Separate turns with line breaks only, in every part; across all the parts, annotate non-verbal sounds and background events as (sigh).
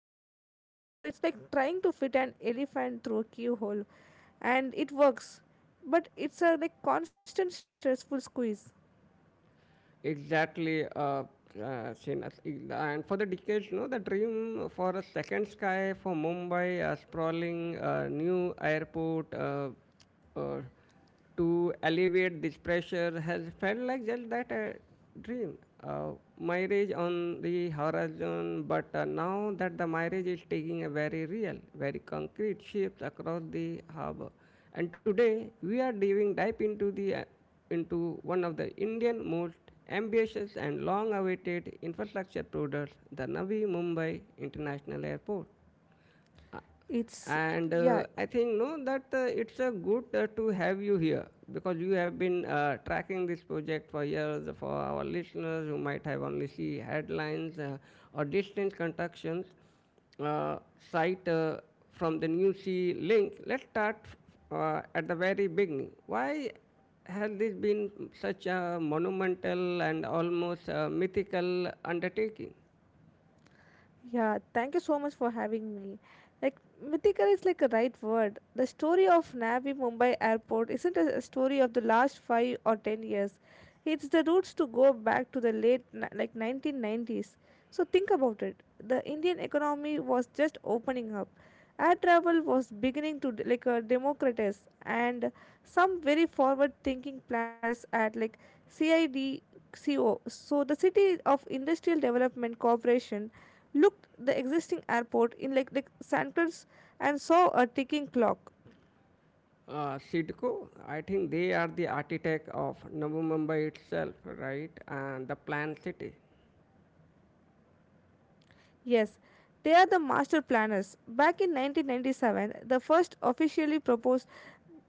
populated cities, so it's like trying to fit an elephant through a keyhole, and it works, but it's a like constant stressful squeeze.
Exactly, Srinath. And for the decades, no, the dream for a second sky for Mumbai, a sprawling new airport uh, to alleviate this pressure has felt like just that, a dream. Marriage on the horizon, but now that the marriage is taking a very real, very concrete shapes across the harbor. And today we are diving deep into the into one of the Indian most ambitious and long awaited infrastructure products, the Navi Mumbai International Airport. Uh,
It's
and
yeah.
I think no that it's a good to have you here because you have been tracking this project for years for our listeners who might have only see headlines or distant constructions uh, site from the new sea link. Let's start at the very beginning. Why has this been such a monumental and almost mythical undertaking?
Yeah, thank you so much for having me. Like, mythical is like a right word. The story of Navi Mumbai Airport isn't a story of the last five or ten years. It's the roots to go back to the late like 1990s. So think about it. The Indian economy was just opening up. Air travel was beginning to like a democratize, and some very forward-thinking planners at like CIDCO. So the City of Industrial Development Corporation looked the existing airport in like Sankers and saw a ticking clock.
Sidco, I think they are the architect of Navi Mumbai itself, right? And the planned city.
Yes, they are the master planners. Back in 1997, the first officially proposed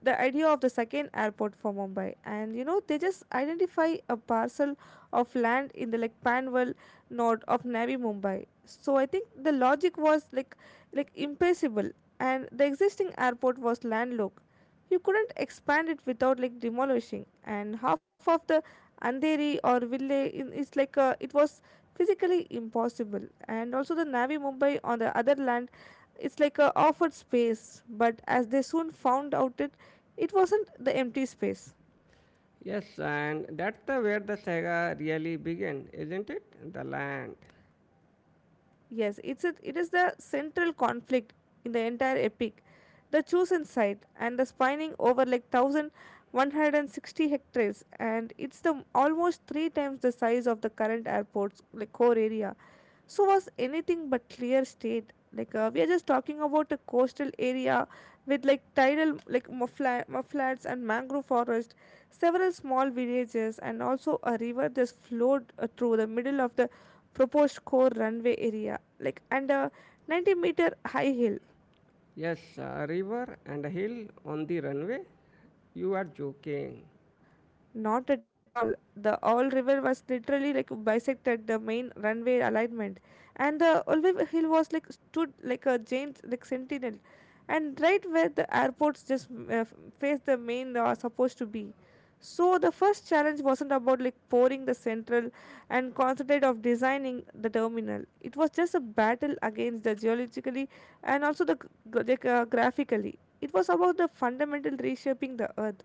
the idea of the second airport for Mumbai, and you know they just identify a parcel of land in the like Panvel node of Navi Mumbai. So I think the logic was like impossible, and the existing airport was landlocked. You couldn't expand it without like demolishing and half of the Andheri or Ville in, it's like a. It was physically impossible, and also the Navi Mumbai on the other land, it's like a offered space, but as they soon found out, it wasn't the empty space.
Yes, and that's the where the saga really began, isn't it? The land.
Yes, it is the central conflict in the entire epic. The chosen site and the spanning over like 1160 hectares, and it's the almost three times the size of the current airport's like core area, so was anything but clear state, like we are just talking about a coastal area with like tidal like mudflats and mangrove forest, several small villages, and also a river that flowed through the middle of the proposed core runway area, like, and a 90-meter high hill.
Yes, a river and a hill on the runway. You are joking.
Not at all. The All River was literally like bisected the main runway alignment, and the Olive Hill was like stood like a giant like sentinel, and right where the airports just faced the main are supposed to be. So the first challenge wasn't about like pouring the central and concentrate of designing the terminal. It was just a battle against the geologically, and also the graphically. It was about the fundamental reshaping the earth.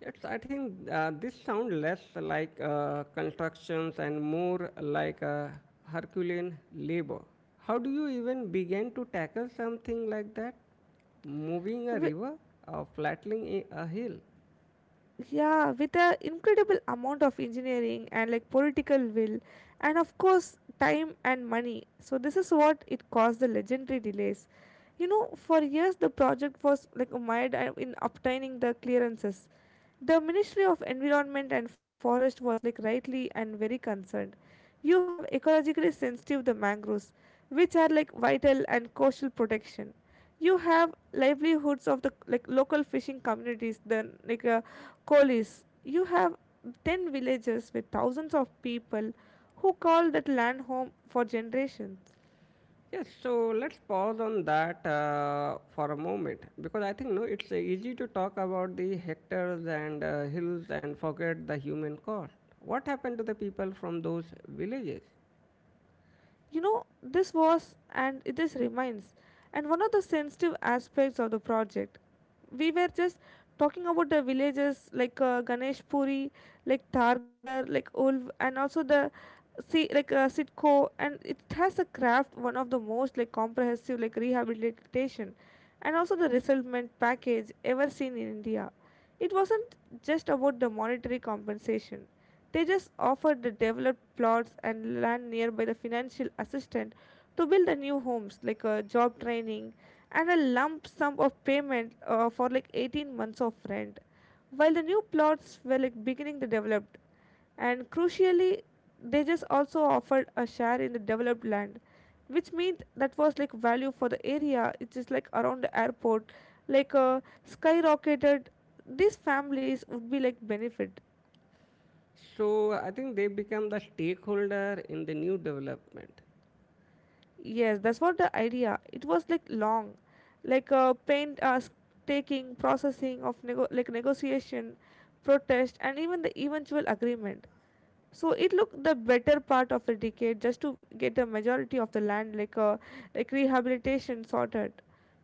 It's, I think this sounds less like constructions and more like a Herculean labor. How do you even begin to tackle something like that? Moving a
Wi-
river or flattening a hill?
yeah, with an incredible amount of engineering and like political will, and of course time and money. So this is what it caused the legendary delays. You know, for years the project was like mired in obtaining the clearances. The Ministry of Environment and Forest was like rightly and very concerned. You have ecologically sensitive the mangroves, which are like vital and coastal protection. You have livelihoods of the like local fishing communities, the coalies. You have ten villages with thousands of people who call that land home for generations.
Yes, so let's pause on that for a moment because I think no, it's easy to talk about the hectares and hills and forget the human cost. What happened to the people from those villages?
You know, this was, and this remains, and one of the sensitive aspects of the project. We were just talking about the villages like Ganesh Puri, like Targar, like Ulv, and also the see like sitco, and it has a craft one of the most like comprehensive like rehabilitation, and also the resettlement package ever seen in India. It wasn't just about the monetary compensation. They just offered the developed plots and land nearby, the financial assistance to build the new homes, like a job training, and a lump sum of payment for like 18 months of rent while the new plots were like beginning to develop. And crucially, they just also offered a share in the developed land, which means that was like value for the area. It is like around the airport like uh, skyrocketed. These families would be like benefit.
So I think they become the stakeholder in the new development.
Yes, that's what the idea. It was like long like uh, paint uh, s- taking processing of like negotiation, protest, and even the eventual agreement. So it looked the better part of a decade just to get the majority of the land like a like rehabilitation sorted.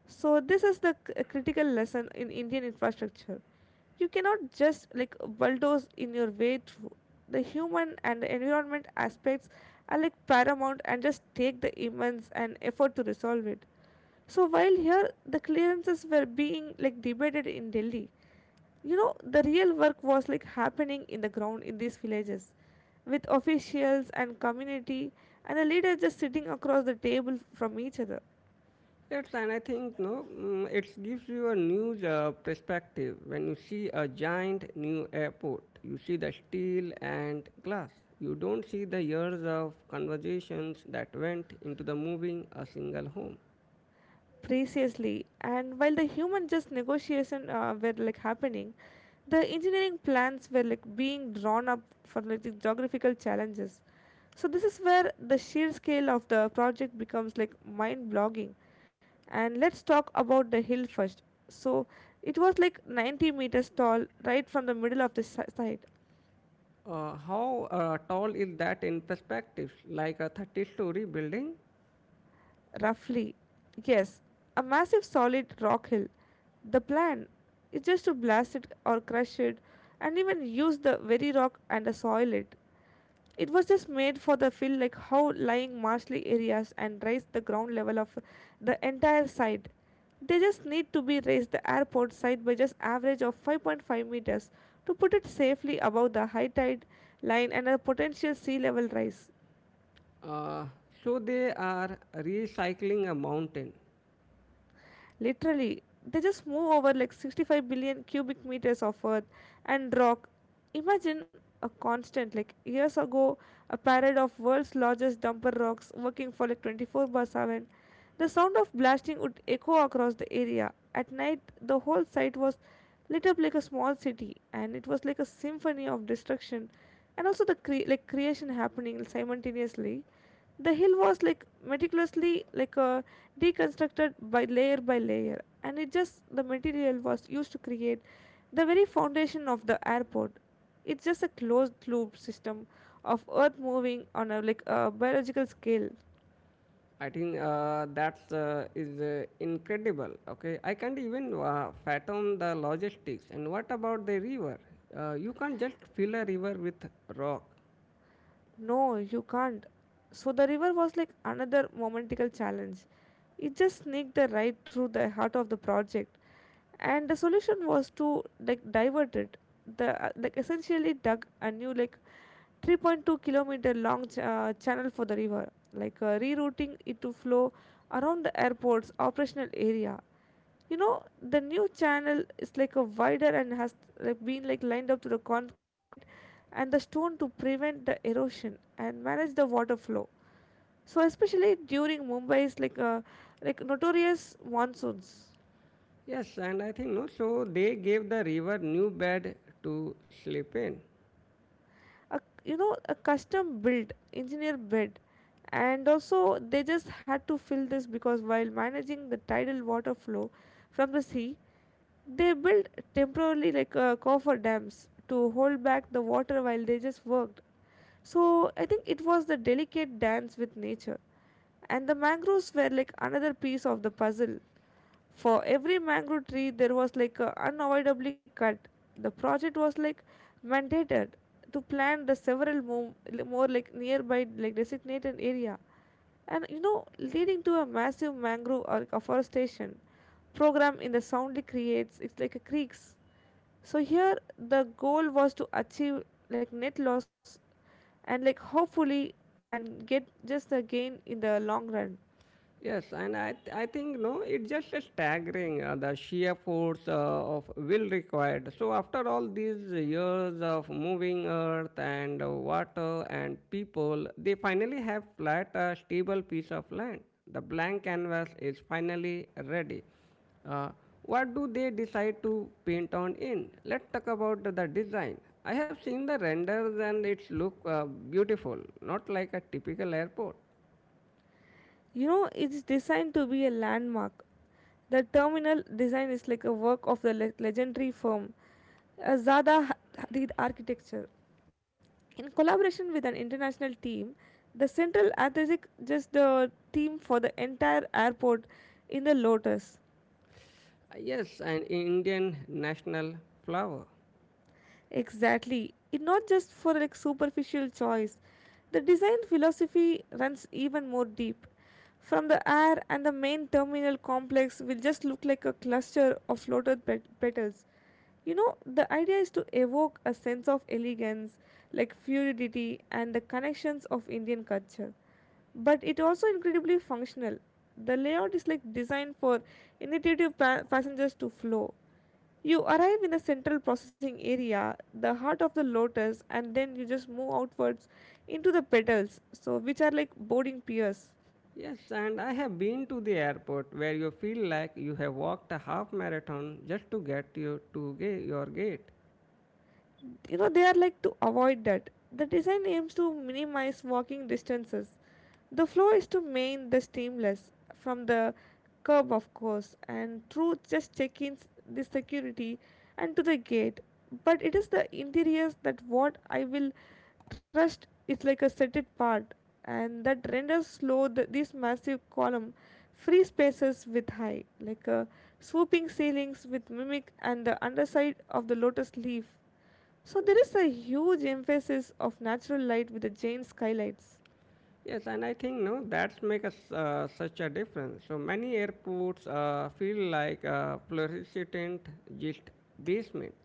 So this is the critical lesson in Indian infrastructure. You cannot just like bulldoze in your way through the human and the environment aspects. Are like paramount and just take the immense and effort to resolve it. So while here the clearances were being like debated in Delhi, you know, the real work was like happening in the ground in these villages with officials and community and the leader just sitting across the table from each other.
Yes, and I think no, mm, it gives you a new perspective when you see a giant new airport. You see the steel and glass. You don't see the years of conversations that went into the moving a single home.
Preciously, and while the human just negotiation were like happening, the engineering plans were like being drawn up for like the geographical challenges. So this is where the sheer scale of the project becomes like mind-blogging. And let's talk about the hill first. So it was like 90 meters tall, right from the middle of the site.
How tall is that in perspective? Like a 30-story building?
Roughly, yes, a massive solid rock hill. The plan is just to blast it or crush it and even use the very rock and soil it. It was just made for the feel like how lying marshly areas and raise the ground level of the entire site. They just need to be raised the airport site by just average of 5.5 meters to put it safely above the high tide line and a potential sea level rise.
Uh, so they are recycling a mountain.
Literally, they just move over like 65 billion cubic meters of earth and rock. Imagine a constant, like years ago, a parade of world's largest dumper rocks working for like 24 by 7. The sound of blasting would echo across the area. At night, the whole site was lit up like a small city, and it was like a symphony of destruction, and also the like creation happening simultaneously. The hill was like meticulously like deconstructed by layer, and it just the material was used to create the very foundation of the airport. It's just a closed loop system of earth moving on a like a biological scale.
I think that's is incredible. Okay, I can't even fathom the logistics. And what about the river? You can't just fill a river with rock.
No, you can't. So the river was like another momentical challenge. It just sneaked the right through the heart of the project, and the solution was to like divert it. The like essentially dug a new like 3.2-kilometer long channel for the river, rerouting it to flow around the airport's operational area. You know, the new channel is like a wider and has like been like lined up to the concrete and the stone to prevent the erosion and manage the water flow, so especially during Mumbai's like notorious monsoons.
Yes, and I think no. So they gave the river new bed to sleep in.
A, you know, a custom built engineer bed, and also they just had to fill this because while managing the tidal water flow from the sea, they built temporarily like coffer dams to hold back the water while they just worked. So I think it was the delicate dance with nature, and the mangroves were like another piece of the puzzle. For every mangrove tree, there was like a unavoidably cut. The project was like mandated to plant the several more like nearby like designated area, and you know, leading to a massive mangrove or afforestation program in the soundly creates. It's like a creeks. So here, the goal was to achieve like net loss, and like hopefully, and get just a gain in the long run.
Yes, and I think no, it's just a staggering, the sheer force of will required. So after all these years of moving earth and water and people, they finally have flat a stable piece of land. The blank canvas is finally ready. Uh, what do they decide to paint on in? Let's talk about the design. I have seen the renders and it's look beautiful, not like a typical airport.
You know, it's designed to be a landmark. The terminal design is like a work of the legendary firm Zada Hadid Architecture. In collaboration with an international team, the Central Athletic just the team for the entire airport in the Lotus.
Yes, an Indian national flower.
Exactly. It's not just for like superficial choice. The design philosophy runs even more deep. From the air and the main terminal complex will just look like a cluster of floated petals. You know, the idea is to evoke a sense of elegance, like fluidity and the connections of Indian culture. But it also incredibly functional. The layout is like designed for intuitive passengers to flow. You arrive in the central processing area, the heart of the lotus, and then you just move outwards into the petals, so which are like boarding piers.
Yes, and I have been to the airport where you feel like you have walked a half marathon just to get you to your gate.
You know, they are like to avoid that. The design aims to minimize walking distances. The flow is to main the seamless from the curb, of course, and through just check-ins, the security, and to the gate. But it is the interiors that what I will trust is like a set it part. And that renders slow the, these massive column free spaces with high like a swooping ceilings with mimic and the underside of the lotus leaf. So there is a huge emphasis of natural light with the Jain skylights.
Yes, and I think no, that's make us such a difference. So many airports feel like a fluorescent just basement.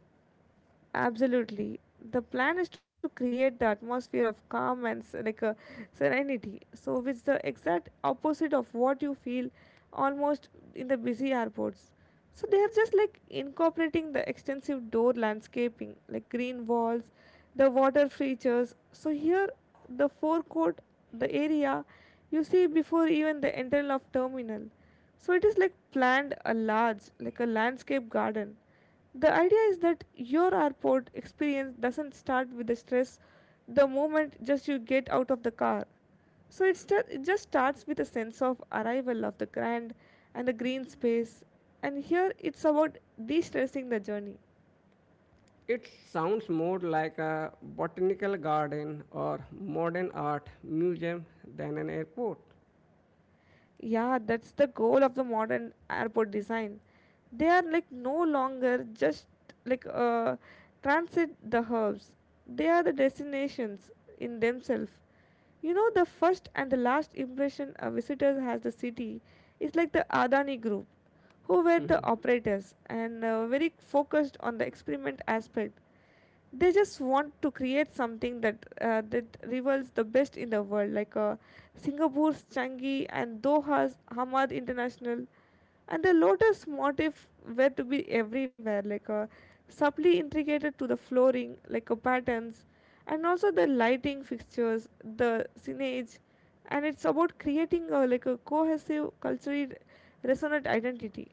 Absolutely. The plan is to create the atmosphere of calm and like a serenity. So which the exact opposite of what you feel almost in the busy airports. So they are just like incorporating the extensive door landscaping, like green walls, the water features. So here the forecourt, the area you see before even the entrance of terminal. So it is like planned a large, like a landscape garden. The idea is that your airport experience doesn't start with the stress the moment just you get out of the car. So it just starts with a sense of arrival of the grand and the green space. And here it's about de stressing the journey.
It sounds more like a botanical garden or modern art museum than an airport.
Yeah, that's the goal of the modern airport design. They are like no longer just like transit the hubs. They are the destinations in themselves. You know, the first and the last impression a visitor has the city is like the Adani Group, who were the
(laughs)
operators and very focused on the experiment aspect. They just want to create something that that rivals the best in the world, like Singapore's Changi and Doha's Hamad International. And the lotus motif were to be everywhere, like subtly intricated to the flooring, like patterns and also the lighting fixtures, the signage. And it's about creating a, like a cohesive culturally resonant identity.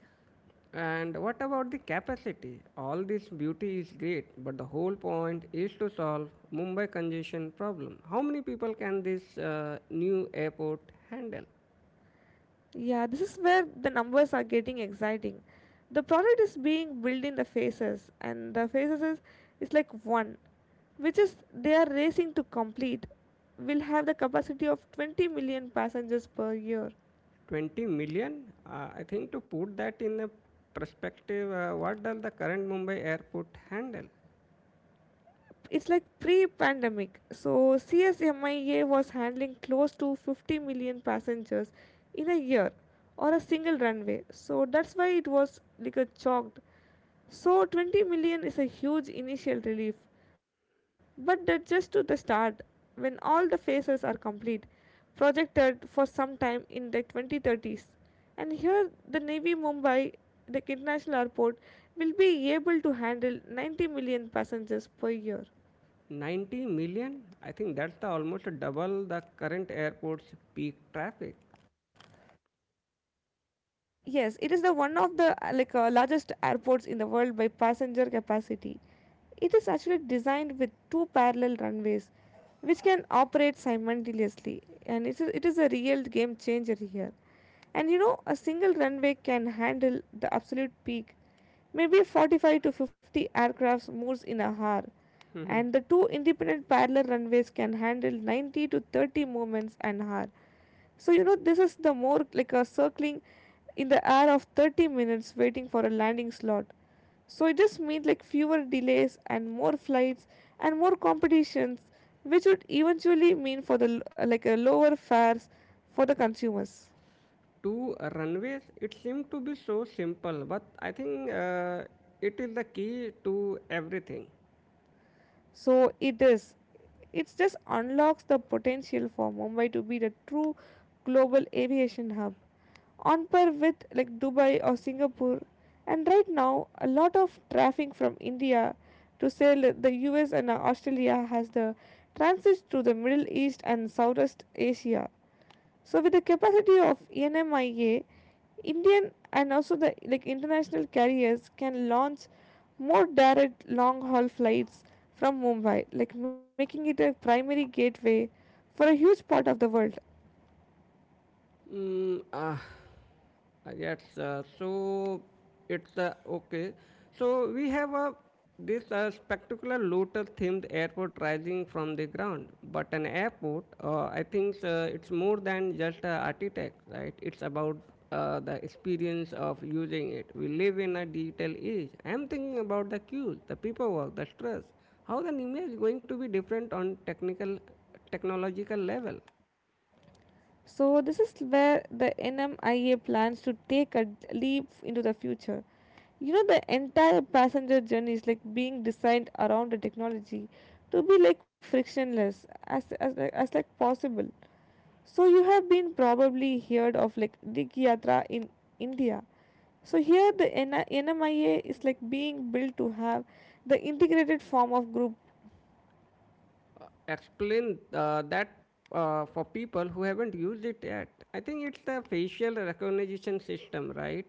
And what about the capacity? All this beauty is great, but the whole point is to solve Mumbai congestion problem. How many people can this new airport handle?
Yeah, this is where the numbers are getting exciting. The product is being built in the phases, and the phases is like one, which is they are racing to complete. Will have the capacity of 20 million passengers per year.
20 million? I think to put that in a perspective, what does the current Mumbai airport handle?
It's like pre-pandemic. So CSMIA was handling close to 50 million passengers in a year or a single runway. So that's why it was like a chalked. So 20 million is a huge initial relief, but that's just to the start when all the phases are complete, projected for some time in the 2030s. And here, the Navy Mumbai, the international airport, will be able to handle 90 million passengers per year.
90 million? I think that's the almost double the current airport's peak traffic.
Yes, it is the one of the like largest airports in the world by passenger capacity. It is actually designed with two parallel runways which can operate simultaneously, and it is a real game changer here. And you know a single runway can handle the absolute peak, maybe 45 to 50 aircrafts moves in a hour, and the two independent parallel runways can handle 90 to 30 movements an hour. So, you know, this is the more like a circling in the air of 30 minutes waiting for a landing slot. So, it just means like fewer delays and more flights and more competitions, which would eventually mean for the like a lower fares for the consumers.
To runways, it seemed to be so simple, but I think it is the key to everything.
So it is. It just unlocks the potential for Mumbai to be the true global aviation hub, on par with like Dubai or Singapore. And right now, a lot of traffic from India to sail the US and Australia has the transit through the Middle East and Southeast Asia. So with the capacity of NMIA, Indian and also the like international carriers can launch more direct long haul flights from Mumbai, like making it a primary gateway for a huge part of the world.
Mm, ah, yes. So it's okay. So we have a this spectacular lotus-themed airport rising from the ground. But an airport, I think it's more than just a architect, right? It's about the experience of using it. We live in a digital age. I'm thinking about the queues, the paperwork, the stress. How the image is going to be different on technological level?
So this is where the NMIA plans to take a leap into the future. You know the entire passenger journey is like being designed around the technology to be like frictionless as as like possible. So you have been probably heard of like Dig Yatra in India. So here the NI NMIA is like being built to have the integrated form of group.
Explain that for people who haven't used it yet. I think it's a facial recognition system, right?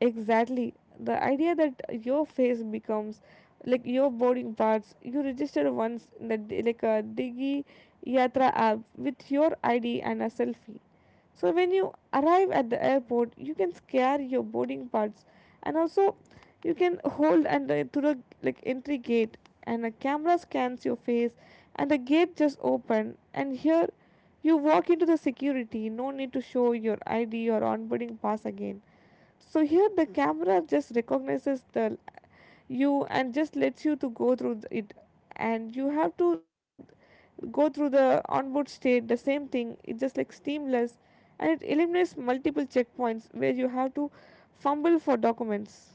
Exactly. The idea that your face becomes like your boarding parts. You register once in the like a Digi Yatra app with your ID and a selfie. So when you arrive at the airport, you can scan your boarding pass, and also you can hold and to the like entry gate, and a camera scans your face, and the gate just open. And here you walk into the security. No need to show your ID or onboarding pass again. So here the camera just recognizes the you and just lets you to go through it, and you have to go through the onboard state the same thing. It's just like seamless, and it eliminates multiple checkpoints where you have to fumble for documents.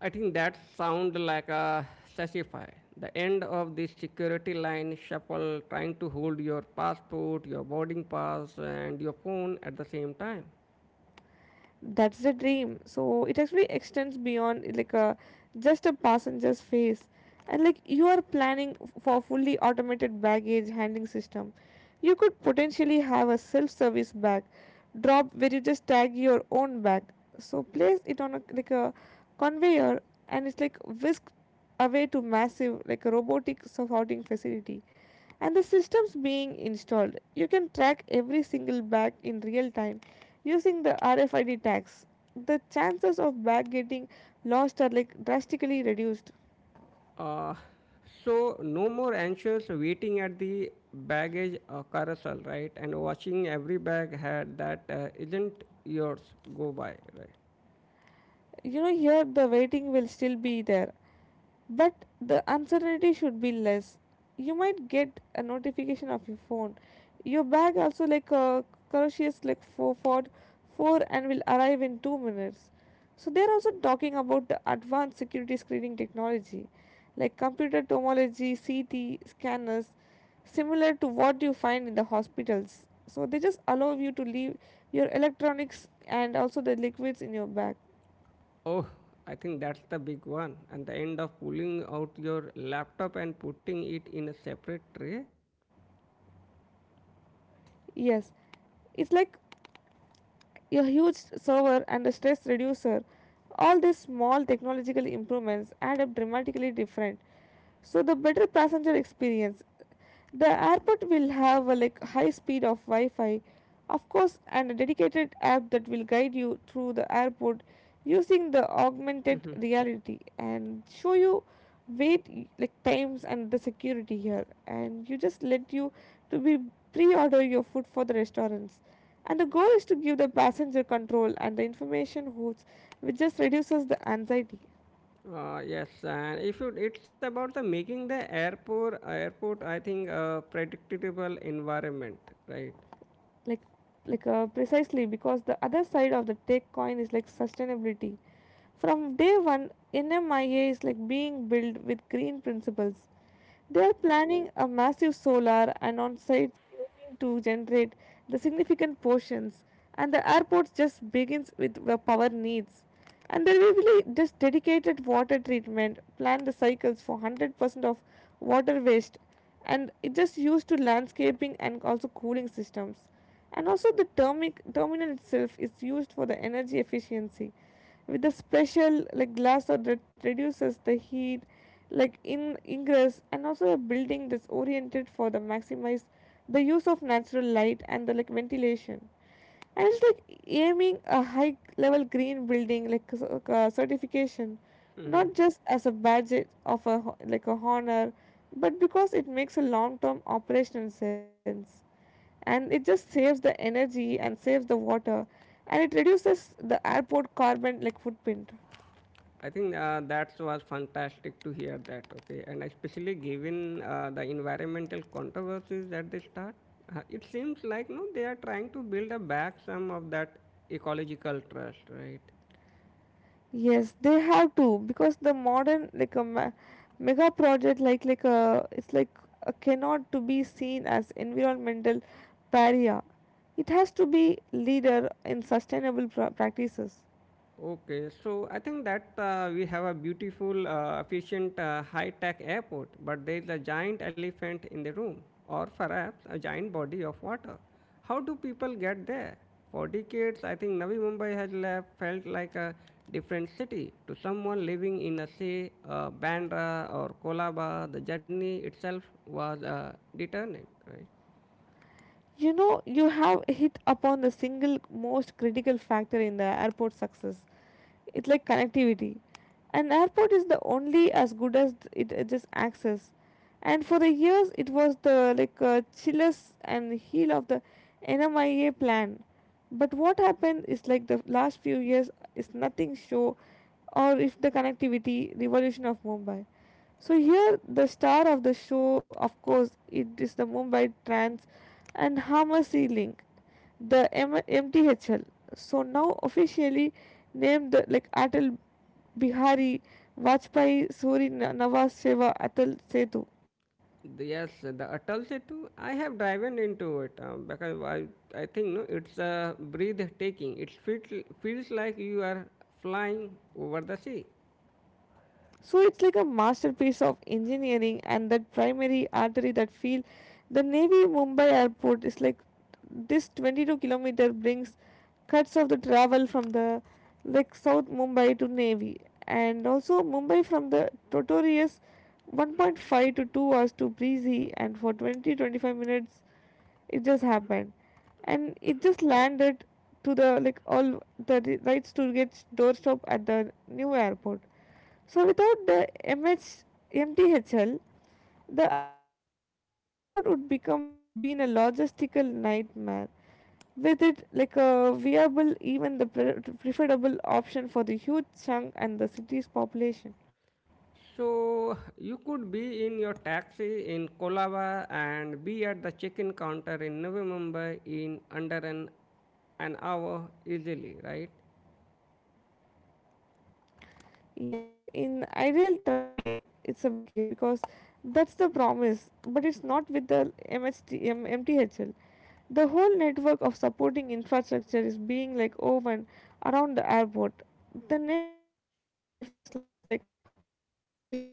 I think that sounds like a sashify. The end of the security line shuffle trying to hold your passport, your boarding pass, and your phone at the same time.
That's the dream. So it actually extends beyond like a just a passenger's face, and like you are planning for fully automated baggage handling system. You could potentially have a self-service bag drop where you just tag your own bag, so place it on a like a conveyor, and it's like whisked away to massive like robotic sorting facility. And the systems being installed, you can track every single bag in real time using the RFID tags. The chances of bag getting lost are like drastically reduced.
Uh, so, no more anxious waiting at the baggage carousel, right? And watching every bag had that isn't yours go by, right?
You know, here the waiting will still be there, but the uncertainty should be less. You might get a notification of your phone. Your bag also like a Karoshia's like four Ford four and will arrive in 2 minutes. So they are also talking about the advanced security screening technology, like computer tomography, CT scanners, similar to what you find in the hospitals. So they just allow you to leave your electronics and also the liquids in your bag.
Oh, I think that's the big one. And the end of pulling out your laptop and putting it in a separate tray.
Yes, it's like a huge server and a stress reducer. All these small technological improvements add up dramatically different. So the better passenger experience. The airport will have a like high speed of Wi-Fi, of course, and a dedicated app that will guide you through the airport using the augmented
Mhm.
reality and show you wait like times and the security here, and you just let you to be pre-order your food for the restaurants. And the goal is to give the passenger control and the information hoots, which just reduces the anxiety.
Yes, and if you, it's about the making the airport airport, I think a predictable environment, right?
Like, like, precisely because the other side of the tech coin is like sustainability. From day one, NMIA is like being built with green principles. They are planning a massive solar and on-site aiming to generate the significant portions, and the airport's just begins with the power needs. And they really just dedicated water treatment planned the cycles for 100% of water waste, and it just used to landscaping and also cooling systems. And also the terminal itself is used for the energy efficiency with the special like glass that reduces the heat like in ingress, and also a building that's oriented for the maximize the use of natural light and the like ventilation. And it's like aiming a high level green building like a certification,
Mhm.
not just as a badge of a like a honor, but because it makes a long term operational sense, and it just saves the energy and saves the water, and it reduces the airport carbon like footprint.
I think that was fantastic to hear that. Okay, and especially given the environmental controversies that they start, it seems like no, they are trying to build a back some of that ecological trust, right?
Yes, they have to because the modern like a mega project like a it's like a cannot to be seen as environmental pariah. It has to be leader in sustainable practices.
Okay, so I think that we have a beautiful, efficient, high tech airport, but there is a giant elephant in the room, or perhaps a giant body of water. How do people get there? For decades, I think Navi Mumbai has left, felt like a different city. To someone living in, a, say, Bandra or Kolaba, the journey itself was determinant.
You know, you have hit upon the single most critical factor in the airport success. It's like connectivity. An airport is the only as good as it just access. And for the years, it was the like chillest and heel of the NMIA plan. But what happened is like the last few years is nothing show or if the connectivity revolution of Mumbai. So here the star of the show, of course, it is the Mumbai Trans and Hamasi Link, the MTHL. So now officially named the, like Atal Bihari Vajpayee Suri Nawaz Seva Atal Setu.
The- yes, the Atal Setu, I have driven into it because I think no, it's a breathtaking. It feels, feels like you are flying over the sea.
So it's like a masterpiece of engineering and that primary artery that feel the Navy Mumbai airport is like this 22-kilometer brings cuts of the travel from the like South Mumbai to Navy and also Mumbai from the Totorius 1.5 to 2 hours to Breezy and for 20 to 25 minutes it just happened, and it just landed to the like all the rights to get doorstop at the new airport. So without the MH MTHL, the airport would become like being a logistical nightmare. With it like a viable, even the preferable option for the huge chunk and the city's population.
So you could be in your taxi in Kolaba and be at the check-in counter in Navi Mumbai in under an hour easily, right?
Yes, in ideal traffic, it's a big yes because that's the promise, but it's not with the MTHL. The whole network of supporting infrastructure is being like woven around the airport. The Navy Mumbai Metro first line is like already operational,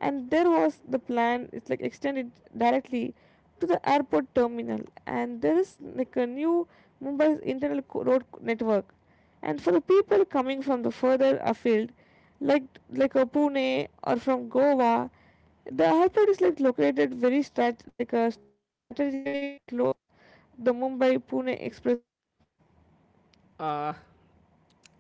and there was the plan it's like extended directly to the airport terminal. And there is like a new Mumbai's internal road network. And for the people coming from the further afield, like like a Pune or from Goa, the airport is like located very strategically close the Mumbai Pune expressway.
Uh,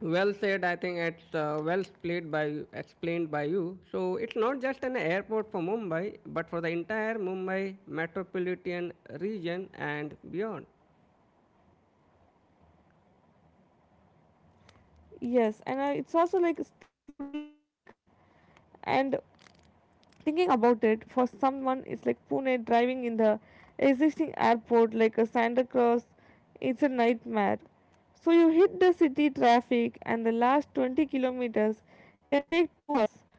well said. I think it's well played by explained by you. So it's not just an airport for Mumbai, but for the entire Mumbai metropolitan region and beyond.
Yes, and it's also like it's truly magical. And thinking about it for someone it's like Pune driving in the existing airport like a Santa Claus, it's a nightmare. So you hit the city traffic and the last 20 kilometers can take 2 hours.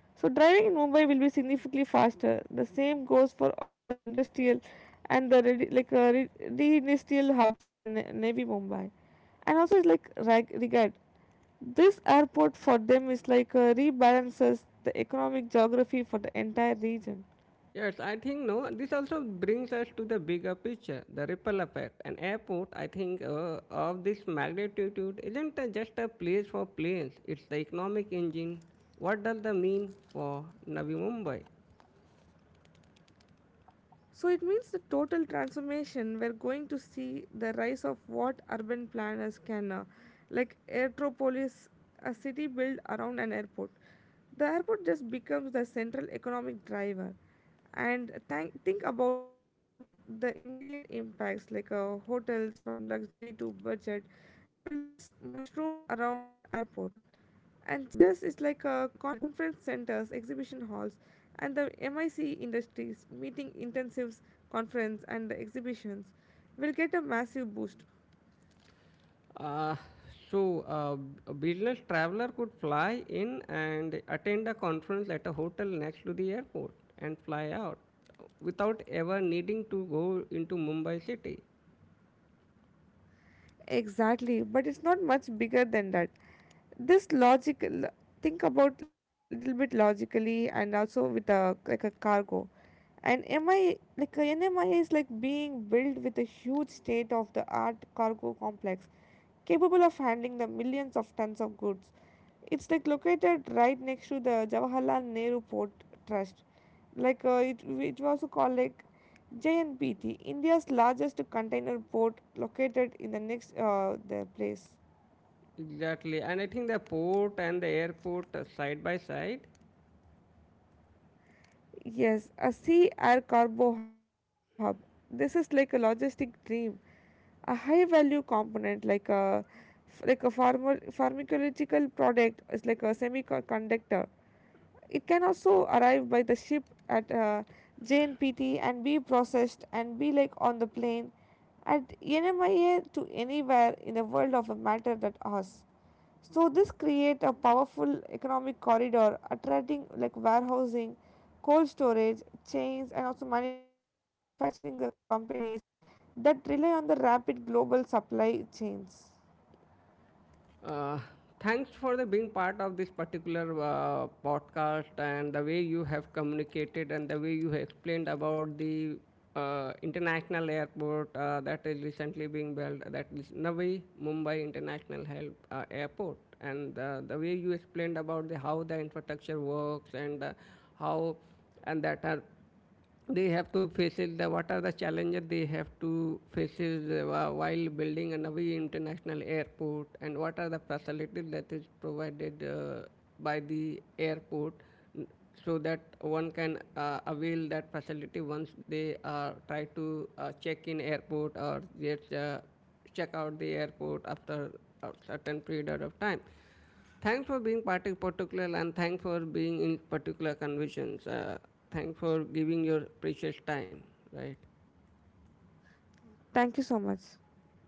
So driving in Mumbai will be significantly faster. The same goes for all the industrial and the the industrial hubs in the Navy Mumbai. And also it's like regard this airport for them is like rebalances the economic geography for the entire region.
Yes, I think no. This also brings us to the bigger picture, the ripple effect. An airport, I think, of this magnitude isn't just a place for planes. It's the economic engine. What does that mean for Navi Mumbai?
So it means the total transformation. We're going to see the rise of what urban planners can like Aerotropolis, a city built around an airport. The airport just becomes the central economic driver. And think about the immediate impacts, like hotels from luxury to budget will just mushroom around the airport. And just it's like conference centers, exhibition halls, and the MIC industries meeting intensives, conference and exhibitions will get a massive boost.
Uh, so, uh, a business traveler could fly in and attend a conference at a hotel next to the airport and fly out without ever needing to go into Mumbai city.
Exactly, but it's not much bigger than that. This logical think about little bit logically and also with a like a cargo. And MI like a NMI is like being built with a huge state of the art cargo complex capable of handling the millions of tons of goods. It's like located right next to the Jawaharlal Nehru Port Trust. Like it was also called like JNPT, India's largest container port, located in the next their place.
Exactly. And I think the port and the airport are side by side.
Yes, a sea air cargo hub. This is like a logistic dream. A high value component like a pharma, pharmacological product is like a semiconductor. It can also arrive by the ship at JNPT and be processed and be like on the plane at NMIA to anywhere in the world of a matter that us. So this create a powerful economic corridor attracting like warehousing, cold storage, chains and also manufacturing the companies that rely on the rapid global supply chains.
Uh, Thanks for the being part of this particular podcast and the way you have communicated and the way you have explained about the international airport that is recently being built, that is Navi Mumbai International Help, Airport, and the way you explained about the how the infrastructure works and how and that are they have to face it, the, what are the challenges they have to face is, while building a Navi International Airport and what are the facilities that is provided by the airport n- so that one can avail that facility once they try to check in airport or just check out the airport after a certain period of time. Thanks for being particular and thanks for being in particular convictions. Thanks for giving your precious time, right?
Thank you so much.